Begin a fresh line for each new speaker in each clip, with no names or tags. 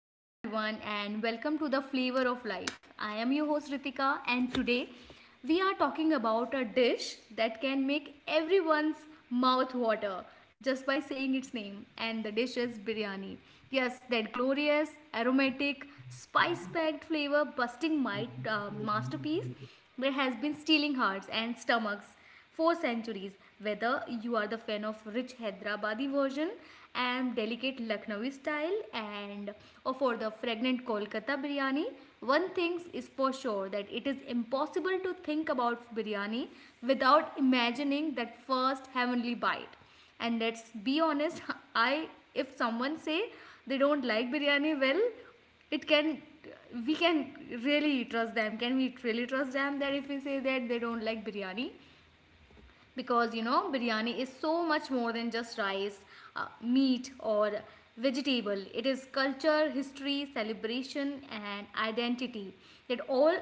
Hello everyone and welcome to the flavor of life. I am your host Ritika and today we are talking about a dish that can make everyone's mouth water just by saying its name, and the dish is biryani. Yes, that glorious, aromatic, spice-packed flavor busting my masterpiece that has been stealing hearts and stomachs four centuries, whether you are the fan of rich Hyderabadi version and delicate Lucknowi style and or for the fragrant Kolkata biryani, one thing is for sure that it is impossible to think about biryani without imagining that first heavenly bite. And let's be honest, I if someone say they don't like biryani well, it can we can really trust them, can we really trust them that if we say that they don't like biryani, because you know biryani is so much more than just rice, meat or vegetable. It is culture, history, celebration and identity, that all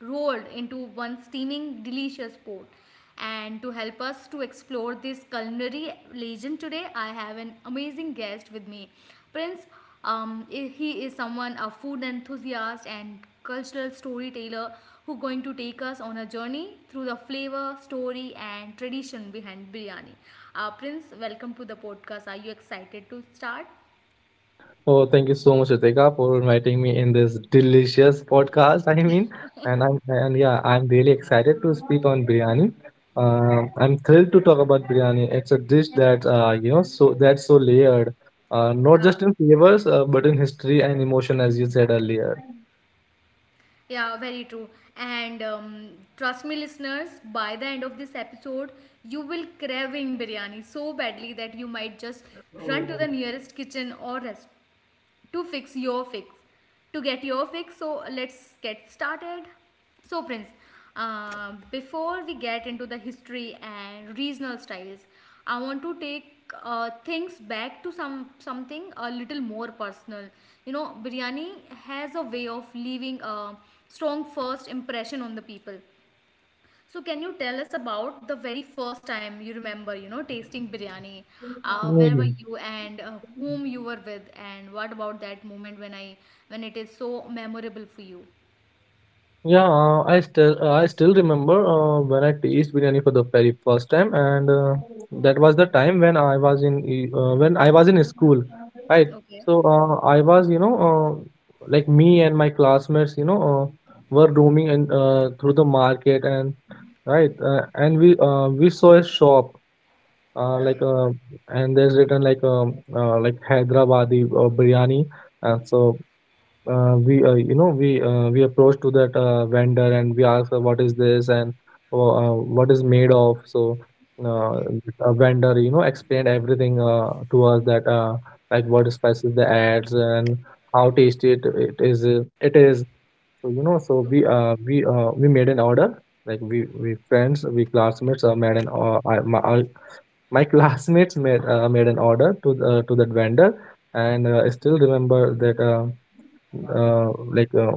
rolled into one steaming delicious pot. And to help us to explore this culinary legend today, I have an amazing guest with me, Prince. um, he is someone, a food enthusiast and cultural storyteller who going to take us on a journey through the flavor, story and tradition behind biryani. Prince, welcome to the podcast. Are you excited to start?
Oh, thank you so much, Ritika, for inviting me in this delicious podcast. I mean, and yeah, I'm really excited to speak on biryani. I'm thrilled to talk about biryani. It's a dish that you know, so that's so layered, not
Yeah,
just in flavors, but in history and emotion, as you said earlier.
yeah, very true. And trust me, listeners, by the end of this episode, you will craving biryani so badly that you might just run to the nearest kitchen or restaurant. To fix your fix to get your fix, so let's get started. So Prince, before we get into the history and regional styles, I want to take things back to some something a little more personal. You know, biryani has a way of leaving a strong first impression on the people. So can you tell us about the very first time you remember, you know, tasting biryani? Where were
Mm.
you and whom you were with, and what about that moment when I when it is so memorable for you?
Yeah, I still remember when I tasted biryani for the very first time, and that was the time when I was in e- when I was in school, right?
Okay.
So I was, you know, like me and my classmates, were roaming and through the market and right, and we saw a shop uh, like
Okay.
uh, and there's written like Hyderabadi biryani, and so we you know we approach to that vendor and we ask what is this and what is made of. So uh, a vendor you know explained everything to us that like what spices they adds and how tasty it is it is. So you know so we made an order like we friends we classmates made an I, my classmates made an order to to that vendor, and I still remember that uh, like uh,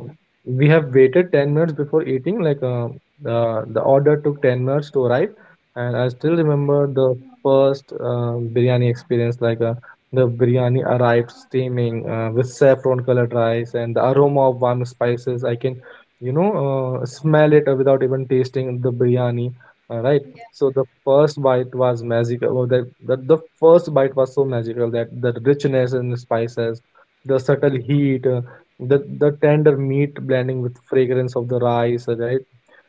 we have waited 10 minutes before eating like uh, the the order took 10 minutes to arrive. And I still remember the first biryani experience. Like the biryani arrived steaming with saffron colored rice and the aroma of warm spices. I can you know smell it without even tasting the biryani, right. So the first bite was magical. Well, the first bite was so magical that the richness and the spices, the subtle heat, the tender meat blending with fragrance of the rice, right.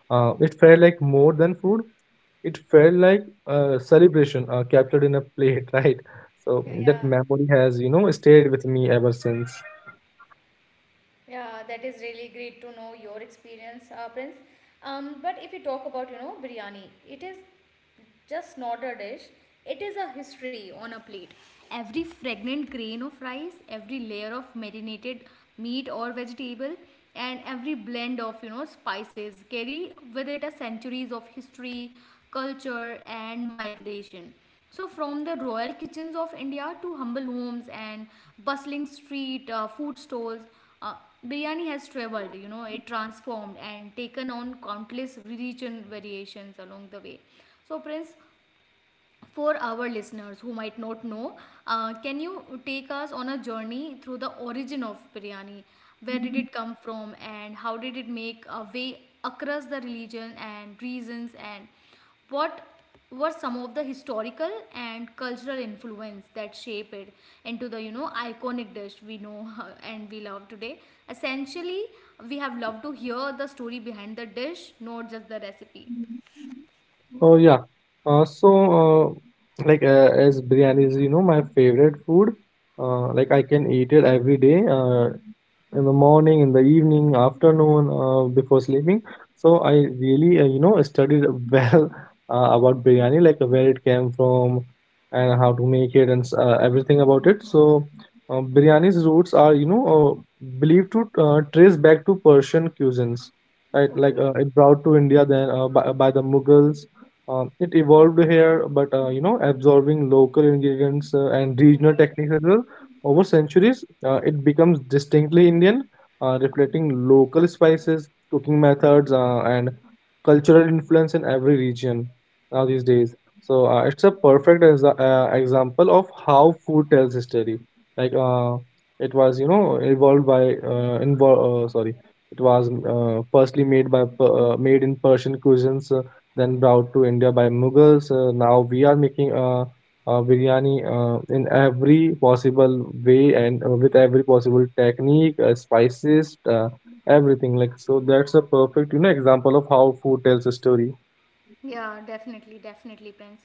It felt like more than food. It felt like a celebration captured in a plate right. So that
Yeah.
memory has you know stayed with me ever since.
Yeah, that is really great to know your experience, Prince. But if you talk about, you know, biryani, it is just not a dish. It is a history on a plate. Every fragrant grain of rice, every layer of marinated meat or vegetable, and every blend of, you know, spices carry with it a centuries of history, culture, and migration. So, from the royal kitchens of India to humble homes and bustling street food stalls, uh, biryani has traveled, you know, it transformed and taken on countless region variations along the way. So, Prince, for our listeners who might not know, can you take us on a journey through the origin of biryani? Where did it come from and how did it make a way across the religion and reasons, and what were some of the historical and cultural influence that shape it into the you know iconic dish we know and we love today? Essentially, we have loved to hear the story behind the dish, not just the recipe.
Oh yeah. Uh, so as biryani is you know my favorite food. Like I can eat it every day, in the morning, in the evening, afternoon, before sleeping. So I really you know studied well about biryani, like where it came from and how to make it and everything about it. So biryani's roots are you know believed to trace back to Persian cuisines, right? Like
Okay.
it brought to India then by the Mughals. It evolved here, but you know, absorbing local ingredients and regional techniques as well. Over centuries, it becomes distinctly Indian, reflecting local spices, cooking methods, and cultural influence in every region now these days. So it's a perfect example of how food tells history. Like it was, you know, evolved by involved. Sorry, it was firstly made in Persian cuisines, then brought to India by
Okay.
Mughals. Now we are making biryani in every possible way and with every possible technique, spices, everything. Like so, that's a perfect you know example of how food tells a story.
Yeah, definitely, definitely, Prince.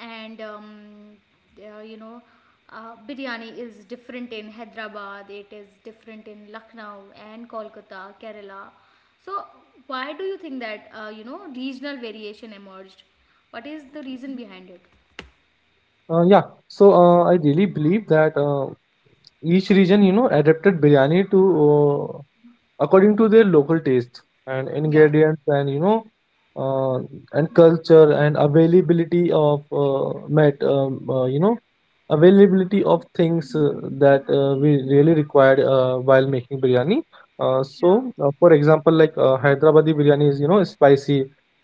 And you know, biryani is different in Hyderabad. It is different in Lucknow and Kolkata, Kerala. So, why do you think that you know regional variation emerged? What is the reason behind it?
Yeah. So I really believe that. Each region, you know, adapted biryani to uh, according to their local taste and
Yeah,
ingredients and you know uh, and culture and availability of met you know availability of things that we really required while making biryani. uh,
yeah,
so uh, for example like Hyderabadi biryani is you know spicy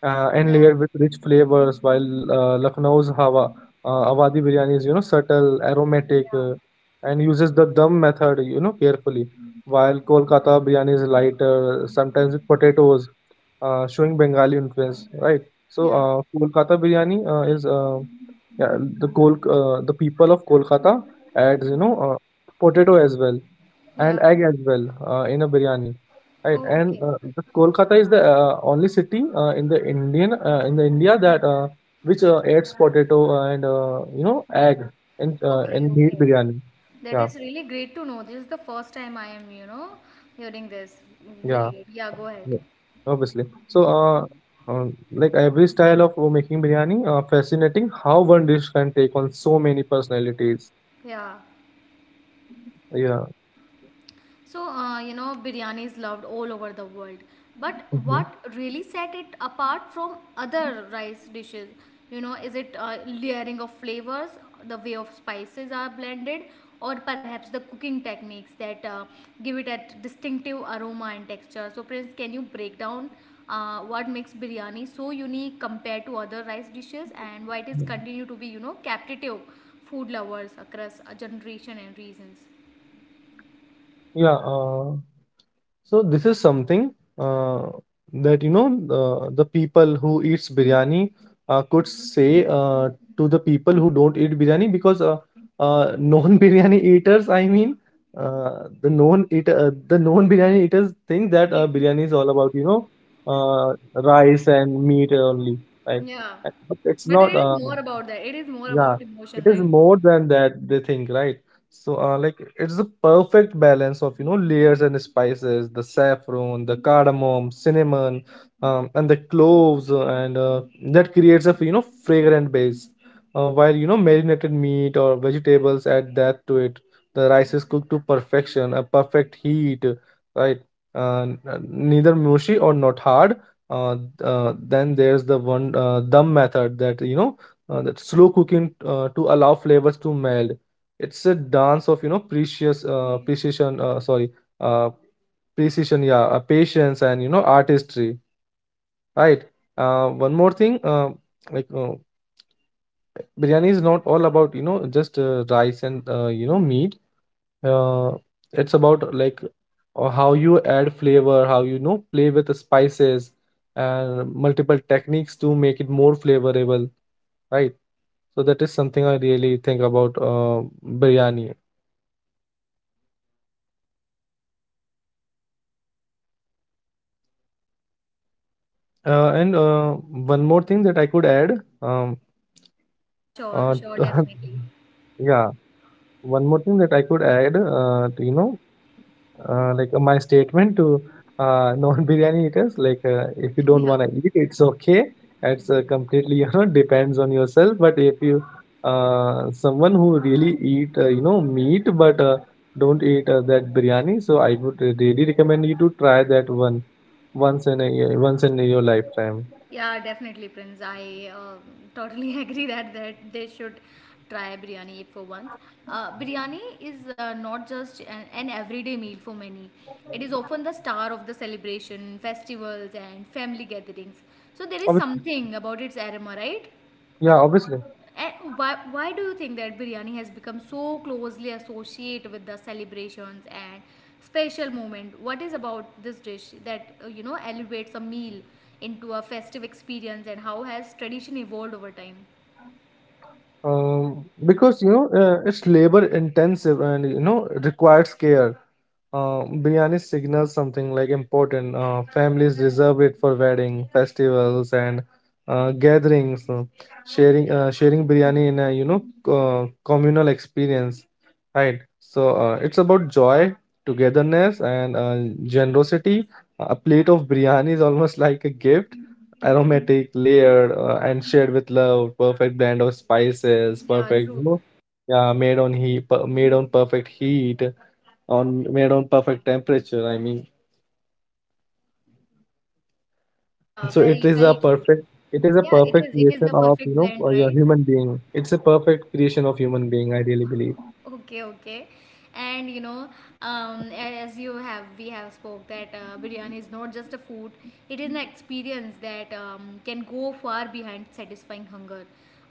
and
yeah,
layered with rich flavors, while lucknow's hawa Awadi biryani is you know subtle,
yeah,
aromatic, and uses the dum method, you know, carefully. While Kolkata biryani is lighter, sometimes with potatoes, showing Bengali influence, right? So
yeah,
Kolkata biryani is yeah, the people of Kolkata adds you know potato as well and
yeah.
egg as well in a biryani, right?
Oh,
And
okay,
the Kolkata is the only city in the India that which adds potato and you know egg
okay,
in meat
okay.
biryani.
That
Yeah,
is really great to know. This is the first time I am, you know, hearing this. Really
yeah,
good. Yeah, go ahead.
yeah, obviously. So, like every style of making biryani, fascinating how one dish can take on so many personalities.
Yeah.
Yeah.
So, you know, biryani is loved all over the world. But
Mhm.
what really set it apart from other rice dishes? You know, is it layering of flavors, the way of spices are blended, or perhaps the cooking techniques that give it a distinctive aroma and texture? So, Prince, can you break down what makes biryani so unique compared to other rice dishes and why it is continue to be, you know, captive food lovers across a generation and reasons?
Yeah. So this is something that you know the people who eats biryani could say to the people who don't eat biryani, because non biryani eaters, I mean, the non biryani eaters think that
Okay.
biryani is all about you know uh, rice and meat only, right?
Yeah.
But it's
But
not.
it is more about that. It is more
Yeah,
about emotion,
it is
right?
more than that they think, right? So, like it's a perfect balance of you know layers and spices, the saffron, the cardamom, cinnamon, and the cloves, and that creates a you know fragrant base. While you know marinated meat or vegetables add that to it. The rice is cooked to perfection, a perfect heat, right? Neither mushy or not hard. Uh, then there's the one dum method that you know that slow cooking to allow flavors to meld. It's a dance of you know precious precision. Sorry, uh, precision. Yeah, patience and you know artistry. Right. One more thing, like uh, biryani is not all about you know just rice and you know meat. Uh, it's about like how you add flavor, how you, you know play with the spices and multiple techniques to make it more flavorable, right? So that is something I really think about biryani. And One more thing that I could add,
Yeah, sure,
uh,
sure, definitely.
yeah, one more thing that I could add, to, you know, my statement to non-biryani eaters, like if you don't want to eat, it's okay. It's completely you know depends on yourself. But if you someone who really eat you know meat but don't eat that biryani, so I would really recommend you to try that one once in a year, once in your lifetime.
Yeah, definitely, Prince. I totally agree that that they should try biryani for once. Biryani is not just an everyday meal for many. It is often the star of the celebration, festivals, and family gatherings. So there is
Obvi-
something about its aroma, right?
yeah, obviously.
And why do you think that biryani has become so closely associated with the celebrations and special moment? What is about this dish that you know elevates a meal into a festive experience, and how has tradition evolved over time?
Because you know it's labor intensive and you know requires care. Biryani signals something like important. Families reserve it for wedding, festivals, and gatherings. Sharing biryani in a you know communal experience, right? So it's about joy, togetherness, and generosity. A plate of biryani is almost like a gift, aromatic, layered, and shared with love. Perfect blend of spices,
Yeah,
perfect, you
true.
know, yeah, made on heat, made on perfect heat, on made on perfect temperature, I mean.
Yeah,
So it
very,
is a
very true.
perfect, it is a
Yeah, it
perfect
is. It is
creation
the
of you
perfect
know
blend,
a
right?
human being. It's a perfect creation of human being, I really believe.
Okay, okay. And you know, as you have, we have spoke that biryani is not just a food; it is an experience that can go far behind satisfying hunger.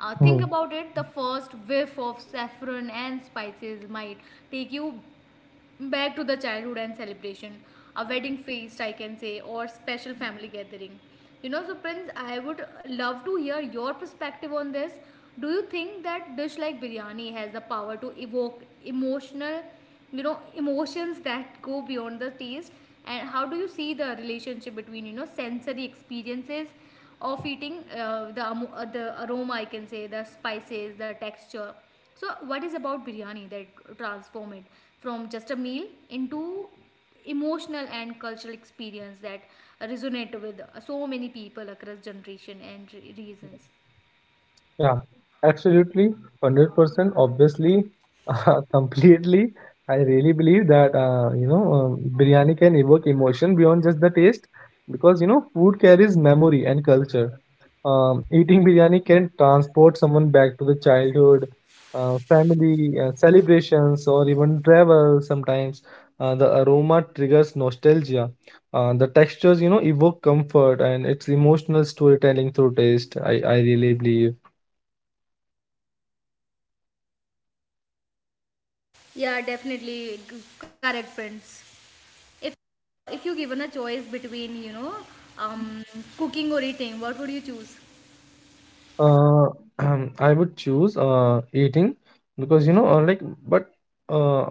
Think
Mhm.
about it: the first whiff of saffron and spices might take you back to the childhood and celebration, a wedding feast I can say, or special family gathering. You know, so Prince, I would love to hear your perspective on this. Do you think that dish like biryani has the power to evoke emotional, you know, emotions that go beyond the taste? And how do you see the relationship between you know sensory experiences of eating the amo- the aroma I can say, the spices, the texture? So what is about biryani that transform it from just a meal into emotional and cultural experience that resonate with so many people across generation and re- reasons?
Yeah, absolutely, 100%, obviously, completely. I really believe that, you know, biryani can evoke emotion beyond just the taste because, you know, food carries memory and culture. Eating biryani can transport someone back to the childhood, family, celebrations, or even travel sometimes. The aroma triggers nostalgia. The textures, you know, evoke comfort and it's emotional storytelling through taste. I really believe.
Yeah, definitely g- correct, friends. If if you given a choice between you know um, cooking or eating, what would you choose?
Uh, I would choose eating, because you know, but uh,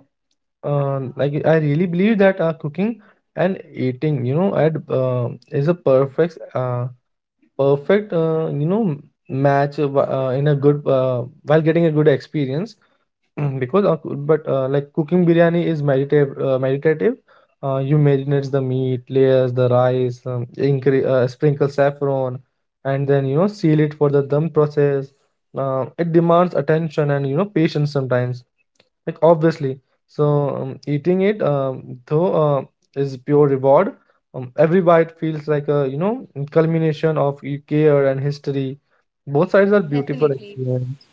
like I really believe that cooking and eating, you know, add is a perfect, you know, match in a good while getting a good experience. Mm, because coo- but like cooking biryani is meditative. You marinate the meat, layers the rice, sprinkle saffron and then you know seal it for the dum process. It demands attention and you know patience sometimes, like obviously. So eating it, though is pure reward. Every bite feels like a you know culmination of care and history. Both sides are beautiful
Definitely.
experience.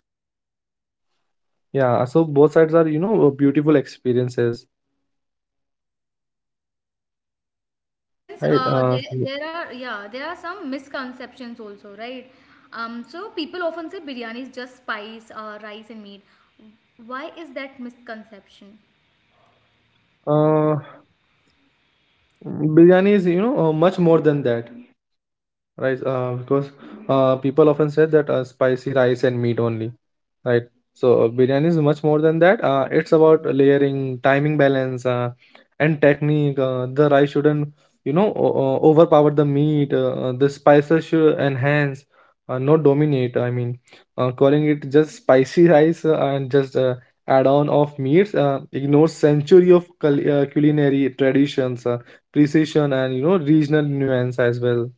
Yeah, so both sides are, you know, beautiful experiences,
So friends,
right? Mhm.
there, there are yeah, there are some misconceptions also, right? So people often say biryani is just spice, rice and meat. Why is that misconception?
Uh, Biryani is, you know, much more than that. Rice, because people often say that spicy rice and meat only, right? So biryani is much more than that. It's about layering, timing balance, and technique. The rice shouldn't, you know, overpower the meat. The spices should enhance, not dominate. Calling it just spicy rice and just add-on of meats ignores century of culinary traditions, precision, and you know, regional nuance as well.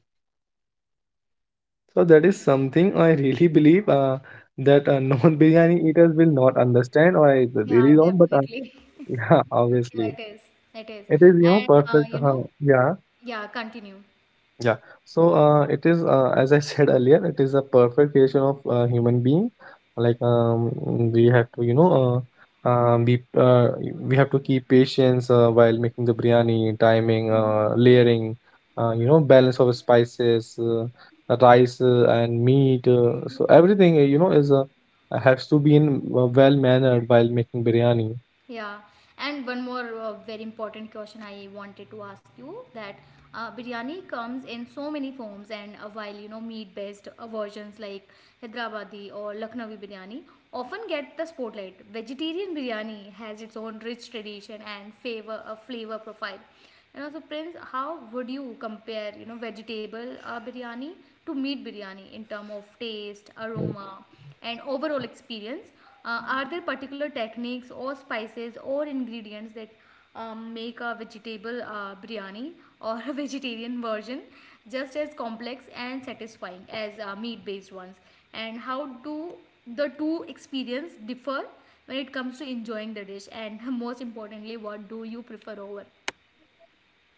So that is something I really believe that non-biryani eaters will not understand, or I
Yeah,
really don't. But
definitely.
yeah, obviously,
yeah, it is. It is.
it is you know
And
perfect.
you know,
Yeah,
yeah, continue.
yeah. So it is, as I said earlier, it is a perfect creation of human being. Like um, we have to, you know, be we have to keep patience while making the biryani, timing, layering, you know, balance of spices, rice and meat. So everything, you know, is has to be in well mannered while making biryani.
Yeah, and one more very important question I wanted to ask you that biryani comes in so many forms, and while you know meat-based versions like Hyderabadi or Lucknowi biryani often get the spotlight, vegetarian biryani has its own rich tradition and favor a flavor profile. And also, Prince, how would you compare you know vegetable biryani to meat biryani in terms of taste, aroma, and overall experience? Are there particular techniques or spices or ingredients that make a vegetable biryani or a vegetarian version just as complex and satisfying as meat based ones? And how do the two experiences differ when it comes to enjoying the dish? And most importantly, what do you prefer over?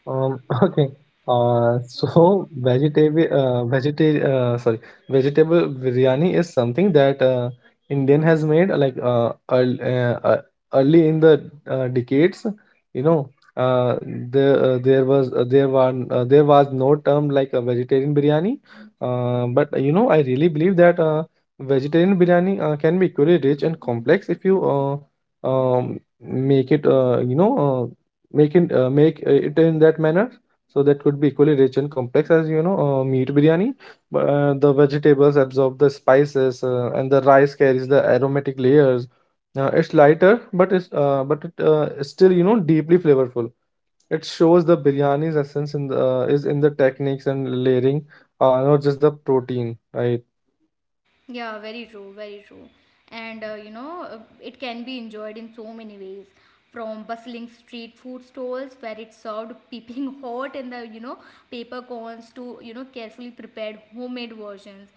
Okay. So vegetable, vegeta sorry, vegetable biryani is something that Indian has made like early, early in the decades. You know, there there was there were there was no term like a vegetarian biryani. But you know, I really believe that vegetarian biryani can be equally rich and complex if you make it you know make it in that manner so that could be equally rich and complex as you know meat biryani. The vegetables absorb the spices and the rice carries the aromatic layers. It's lighter but it's but it is still you know deeply flavorful. It shows the biryani's essence in the is in the techniques and layering, not just the protein, right?
Yeah, very true, very true. And you know, it can be enjoyed in so many ways, from bustling street food stalls where it's served peeping hot in the, you know, paper cones to, you know, carefully prepared homemade versions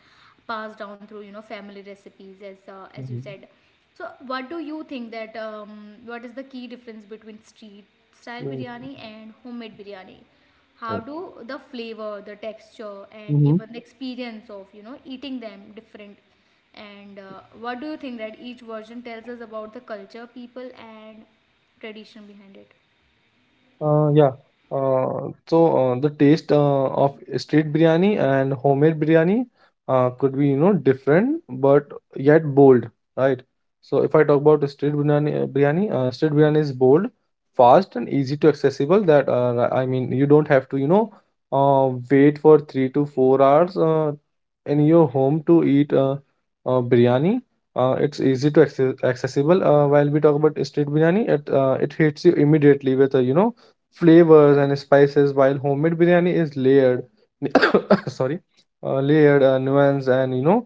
passed down through, you know, family recipes as you
Mhm.
said. So, what do you think that what is the key difference between street style biryani and homemade biryani? How
Right.
do the flavor, the texture, and
Mm-hmm.
even the experience of you know eating them different? And what do you think that each version tells us about the culture, people, and tradition behind it?
Yeah. The taste of street biryani and homemade biryani could be you know different but yet bold, right? So if I talk about the street biryani, street biryani is bold, fast and easy to accessible. That I mean, you don't have to you know wait for 3 to 4 hours in your home to eat biryani. It's easy to accessible. While we talk about street biryani, it hits you immediately with a you know flavors and spices, while homemade biryani is layered, sorry, layered, nuanced, and you know,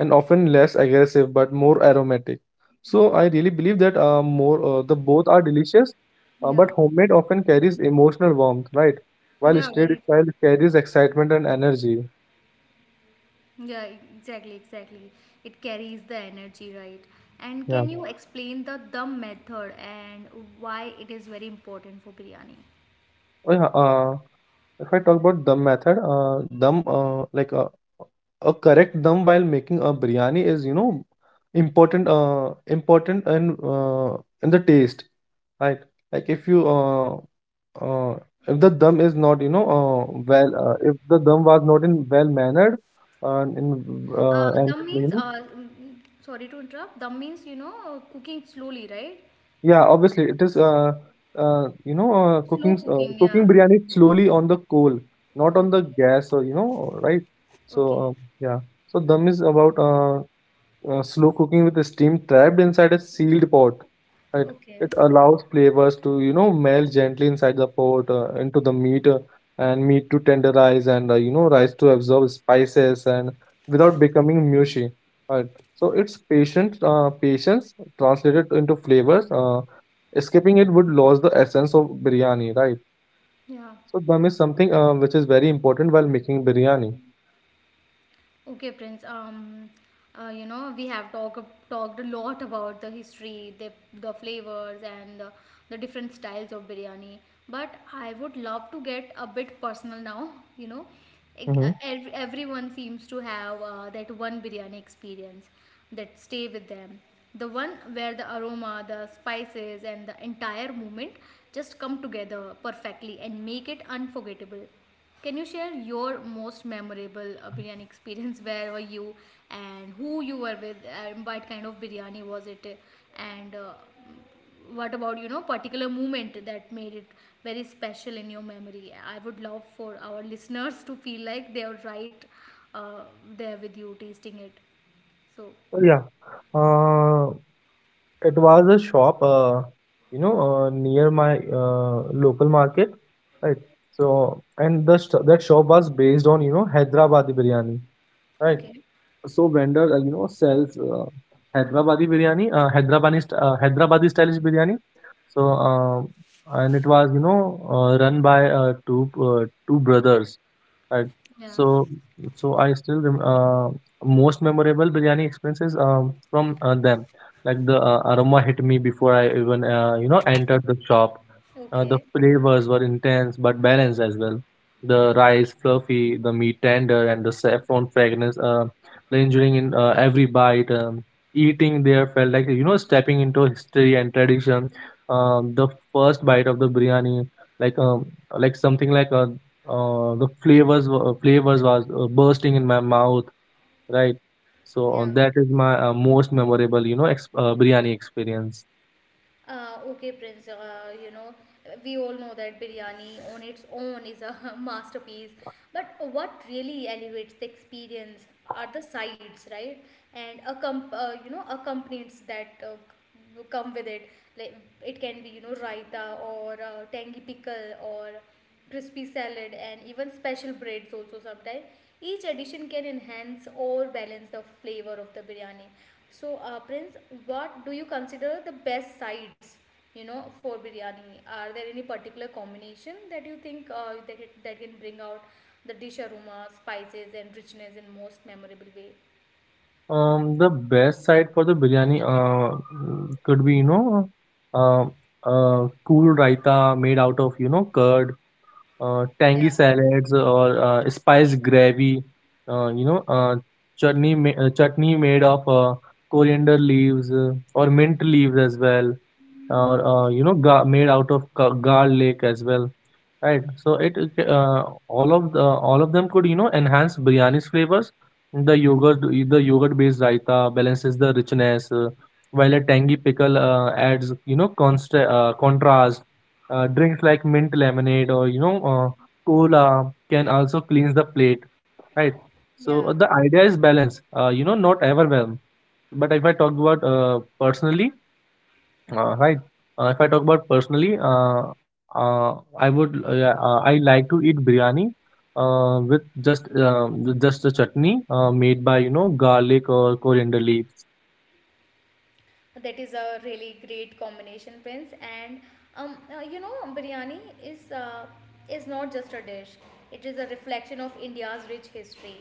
and often less aggressive but more aromatic. So I really believe that more the both are delicious, uh,
Yeah.
but homemade often carries emotional warmth, right? While
Yeah,
street
very true.
style carries excitement and energy.
Yeah, exactly, exactly. It carries the energy, right? And
Yeah.
can you explain the dum method and why it is very important for biryani?
Oh, yeah. If I talk about dum method, a correct dum while making a biryani is you know important, important and in the taste, right? Like if you uh, uh if the dum is not you know if the dum was not in well mannered, in and
Dum
you
means,
know.
mm, sorry to interrupt, dum means, you know, cooking slowly, right?
Yeah, obviously it is. You know,
Slow cooking, yeah.
cooking biryani slowly on the coal, not
Okay,
on the gas, or you know, right?
okay,
Yeah, so dum is about slow cooking with the steam trapped inside a sealed pot. Right?
okay.
It allows flavors to, you know, melt gently inside the pot into the meat and meat to tenderize and, you know, rice to absorb spices and without becoming mushy. Right? Patience translated into flavors. Escaping it would lose the essence of biryani, right?
Yeah.
So dum is something which is very important while making biryani.
Okay, Prince. You know, we have talked a lot about the history, the flavors, and the different styles of biryani. But I would love to get a bit personal now. You know, Ec-
Mm-hmm.
ev- everyone seems to have that one biryani experience that stay with them. The one where the aroma, the spices, and the entire moment just come together perfectly and make it unforgettable. Can you share your most memorable biryani experience? Where were you and who you were with and what kind of biryani was it? And what about, you know, particular moment that made it very special in your memory? I would love for our listeners to feel like they are right uh, there with you tasting it. So,
Yeah. Uh, It was a shop, you know, near my local market, right? So, and the sh that shop was based on, you know, Hyderabadi biryani, right?
Okay.
So vendor, you know, sells Hyderabadi biryani, Hyderabadi stylish biryani. So, um and it was, you know, run by two brothers. Right.
Yeah.
So, so I still rem most memorable biryani experiences from them. Like the aroma hit me before I even you know entered the shop. The
Okay.
flavors were intense but balanced as well. The rice fluffy, the meat tender, and the saffron fragrance lingering in every bite. Eating there felt like you know stepping into history and tradition. The first bite of the biryani, like um, like something like a the flavors wa- flavors was bursting in my mouth, right? So
Yeah.
that is my most memorable you know biryani experience.
Okay, Prince, you know, we all know that biryani on its own is a masterpiece. But what really elevates the experience are the sides, right? And accomp- you know, accompaniments that c- come with it. Like it can be, you know, raita or tangy pickle or crispy salad, and even special breads also sometimes. Each addition can enhance or balance the flavor of the biryani. So Prince, what do you consider the best sides, you know, for biryani? Are there any particular combination that you think that can bring out the dish aroma, spices, and richness in most memorable way?
The best side for the biryani could be you know uh, cool raita made out of you know curd, tangy
Yeah.
salads or spice gravy, you know, chutney made of coriander leaves or mint leaves as well, or
Okay.
you know, made out of garlic as well. Right. So it all of the All of them could you know enhance biryani's flavors. The yogurt based raita balances the richness, while a tangy pickle adds you know consta contrast. Drinks like mint lemonade or you know cola can also cleanse the plate. Right. So
Yeah,
the idea is balance. You know, not overwhelm. But if I talk about personally, right. If I talk about personally, uh, I would yeah, I like to eat biryani with just a chutney made by you know garlic or coriander leaves.
that is a really great combination, Prince. And you know, biryani is not just a dish, it is a reflection of India's rich history.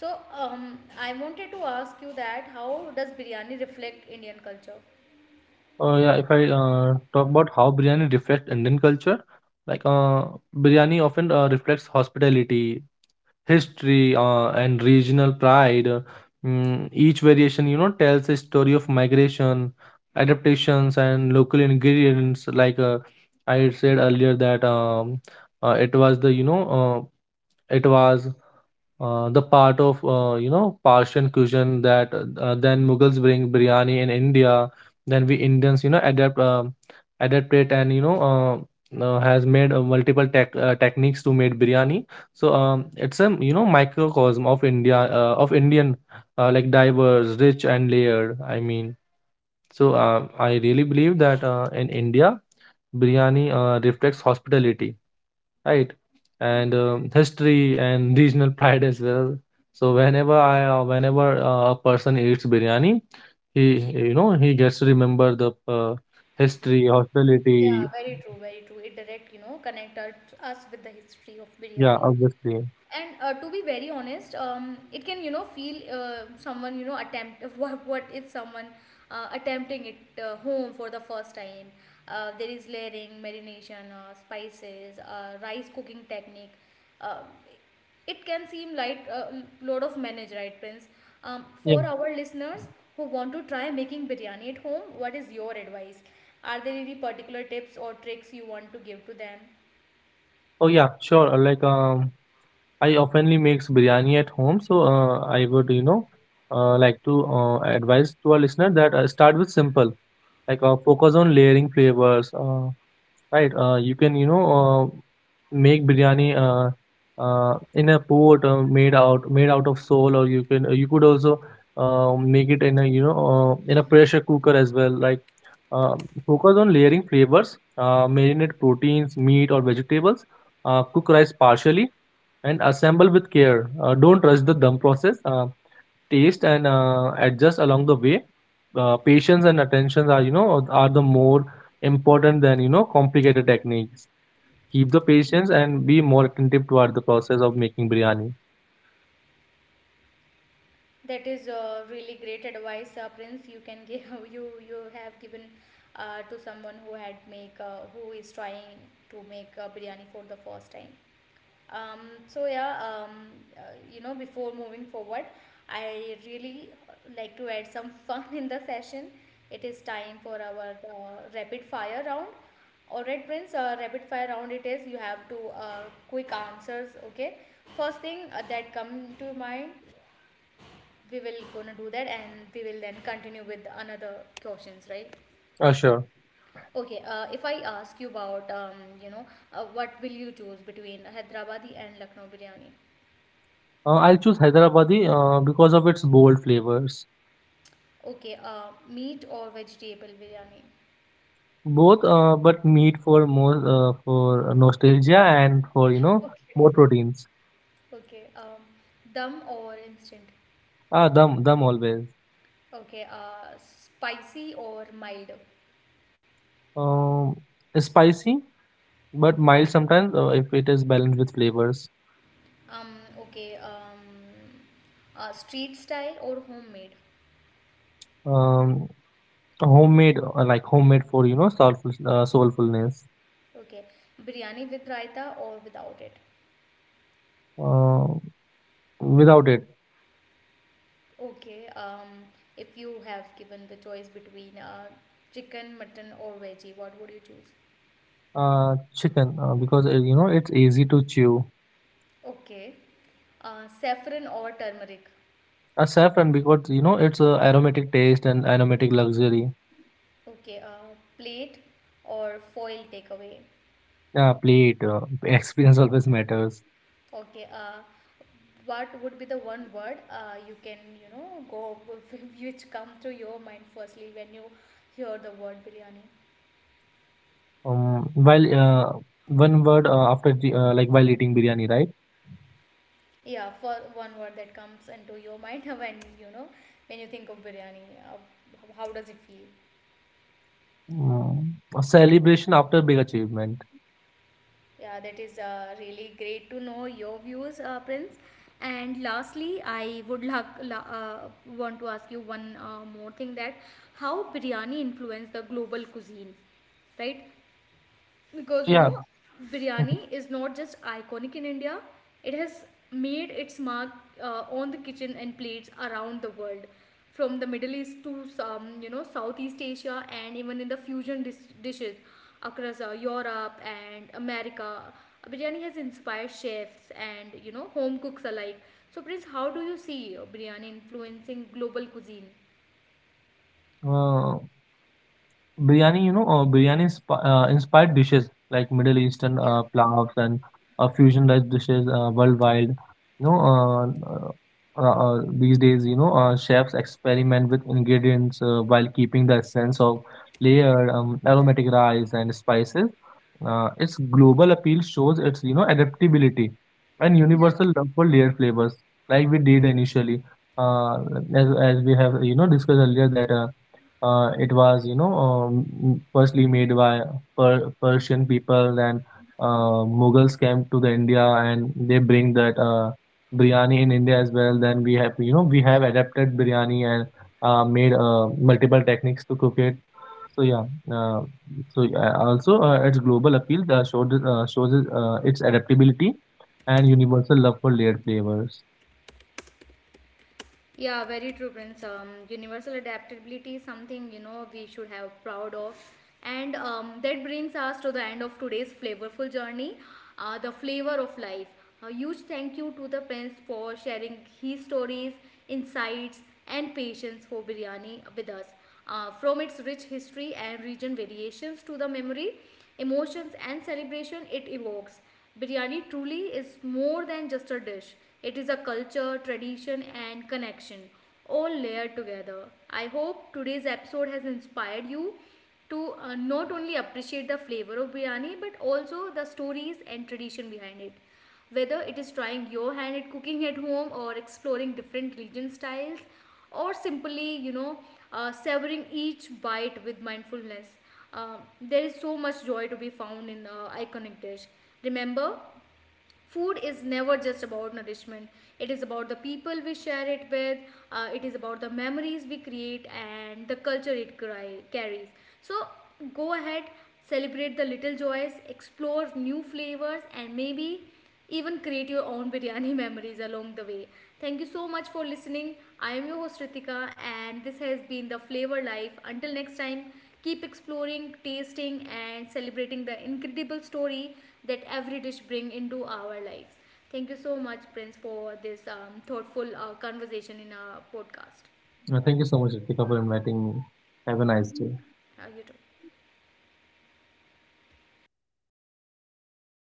So I wanted to ask you that how does biryani reflect Indian culture?
Or yeah, if I talk about how biryani reflects Indian culture, like uh, biryani often reflects hospitality, history and regional pride. Each variation, you know, tells a story of migration, adaptations, and local ingredients. I had said earlier, that it was the you know it was the part of you know Persian cuisine that then Mughals bring biryani in India. Then we Indians, you know, adapt it and you know has made multiple tech techniques to make biryani. It's a you know microcosm of India, of Indian, like diverse, rich and layered. I really believe that in India, biryani reflects hospitality, right? And history and regional pride as well. So whenever I whenever a person eats biryani, he, you know, he gets to remember the history,
Yeah,
hospitality.
very true, very true. It direct, you know, connect us with the history of
Yeah,
biryani.
obviously.
And to be very honest, it can, you know, feel someone, you know, attempt what if someone attempting it home for the first time. Uh, there is layering, marination, spices, rice cooking technique. Uh, it can seem like a load of manage, right, Prince? Um,
Yeah.
for our listeners who want to try making biryani at home, what is your advice? Are there any particular tips or tricks you want to give to them?
Oh yeah, sure. I oftenly makes biryani at home, so I would, you know, like to advise to our listener that start with simple, focus on layering flavors, right. You can, you know, uh, make biryani in a pot made out of soul, or you can you could also make it in a you know in a pressure cooker as well. Uh, Focus on layering flavors, marinate proteins, meat or vegetables, cook rice partially, and assemble with care. Don't rush the dum process. Taste and adjust along the way. Patience and attention are you know are the more important than you know complicated techniques. Keep the patience and be more attentive toward the process of making biryani.
That is really great advice, Prince. You can give, you have given to someone who had make, who is trying to make biryani for the first time. Um, so yeah, uh, you know, before moving forward, I really like to add some fun in the session. It is time for our rapid fire round. All right, Prince. Rapid fire round it is. You have to uh, quick answers. Okay. First thing that come to mind, we will gonna do that, and we will then continue with another questions, right?
Sure.
Okay, if I ask you about, you know, what will you choose between Hyderabadi and Lucknow biryani?
I'll choose Hyderabadi because of its bold flavors.
Okay. Uh, meat or vegetable biryani?
Both, but meat for more for nostalgia and for you know
Okay.
more proteins.
Okay. Um, dum or instant?
Ah, dum dum always.
Okay. Uh, spicy or mild?
Um, Spicy but mild sometimes if it is balanced with flavors.
Um, okay. Um, street style or homemade?
Um, Homemade homemade for you know soulful soulfulness.
Okay. Biryani with raita or without it?
uh, Without it.
Okay. Um, if you have given the choice between chicken, mutton, or veggie, what would you choose?
Chicken, because you know it's easy to chew.
Okay, saffron or turmeric?
A saffron because you know it's aromatic taste and aromatic luxury.
Okay, plate or foil takeaway?
Plate, experience always matters.
Okay, what would be the one word you can, you know, go which come to your mind firstly when you hear the word biryani?
While One word after the, like while eating biryani, right?
Yeah, for one word that comes into your mind when you know when you think of biryani, uh, how does it feel?
Mm, a celebration after big achievement.
Yeah, that is really great to know your views, Prince. And lastly, I would want to ask you one more thing, that how biryani influenced the global cuisine, right? Because you
Yeah.
know biryani is not just iconic in India, it has made its mark on the kitchen and plates around the world, from the Middle East to some, you know, Southeast Asia, and even in the fusion dishes across Europe and America. Biryani has inspired chefs and, you know, home cooks alike. So Prince, how do you see biryani influencing global cuisine?
uh, Biryani, you know, inspired dishes like Middle Eastern plavs and fusion rice dishes worldwide. You know, uh, these days, you know, chefs experiment with ingredients while keeping the essence of layered, aromatic rice and spices. Its global appeal shows its, you know, adaptability and universal love for layered flavors, like we did initially, uh, as we have, you know, discussed earlier that. It was you know firstly made by Persian people, then Mughals came to the India and they bring that biryani in India as well. Then we have, you know, we have adapted biryani and made multiple techniques to cook it. So yeah, uh, also its global appeal showed shows its adaptability and universal love for layered flavors.
Yeah, very true, Prince. Universal adaptability is something, you know, we should have proud of, and that brings us to the end of today's flavorful journey, the flavor of life. A huge thank you to the Prince for sharing his stories, insights, and patience for biryani with us. From its rich history and region variations to the memory, emotions, and celebration it evokes. Biryani truly is more than just a dish, it is a culture, tradition, and connection all layered together. I hope today's episode has inspired you to not only appreciate the flavor of biryani but also the stories and tradition behind it. Whether it is trying your hand at cooking at home or exploring different region styles or simply, you know, savoring each bite with mindfulness. There is so much joy to be found in iconic dish. Remember, food is never just about nourishment, it is about the people we share it with, it is about the memories we create and the culture it carries. So go ahead, celebrate the little joys, explore new flavors, and maybe even create your own biryani memories along the way. Thank you so much for listening. I am your host, Ritika, and this has been the flavor life. Until next time, keep exploring, tasting, and celebrating the incredible story that every dish bring into our lives. Thank you so much, Prince, for this thoughtful conversation in our podcast.
Thank you so much, Ritika, for inviting me. Have a nice day.
You too.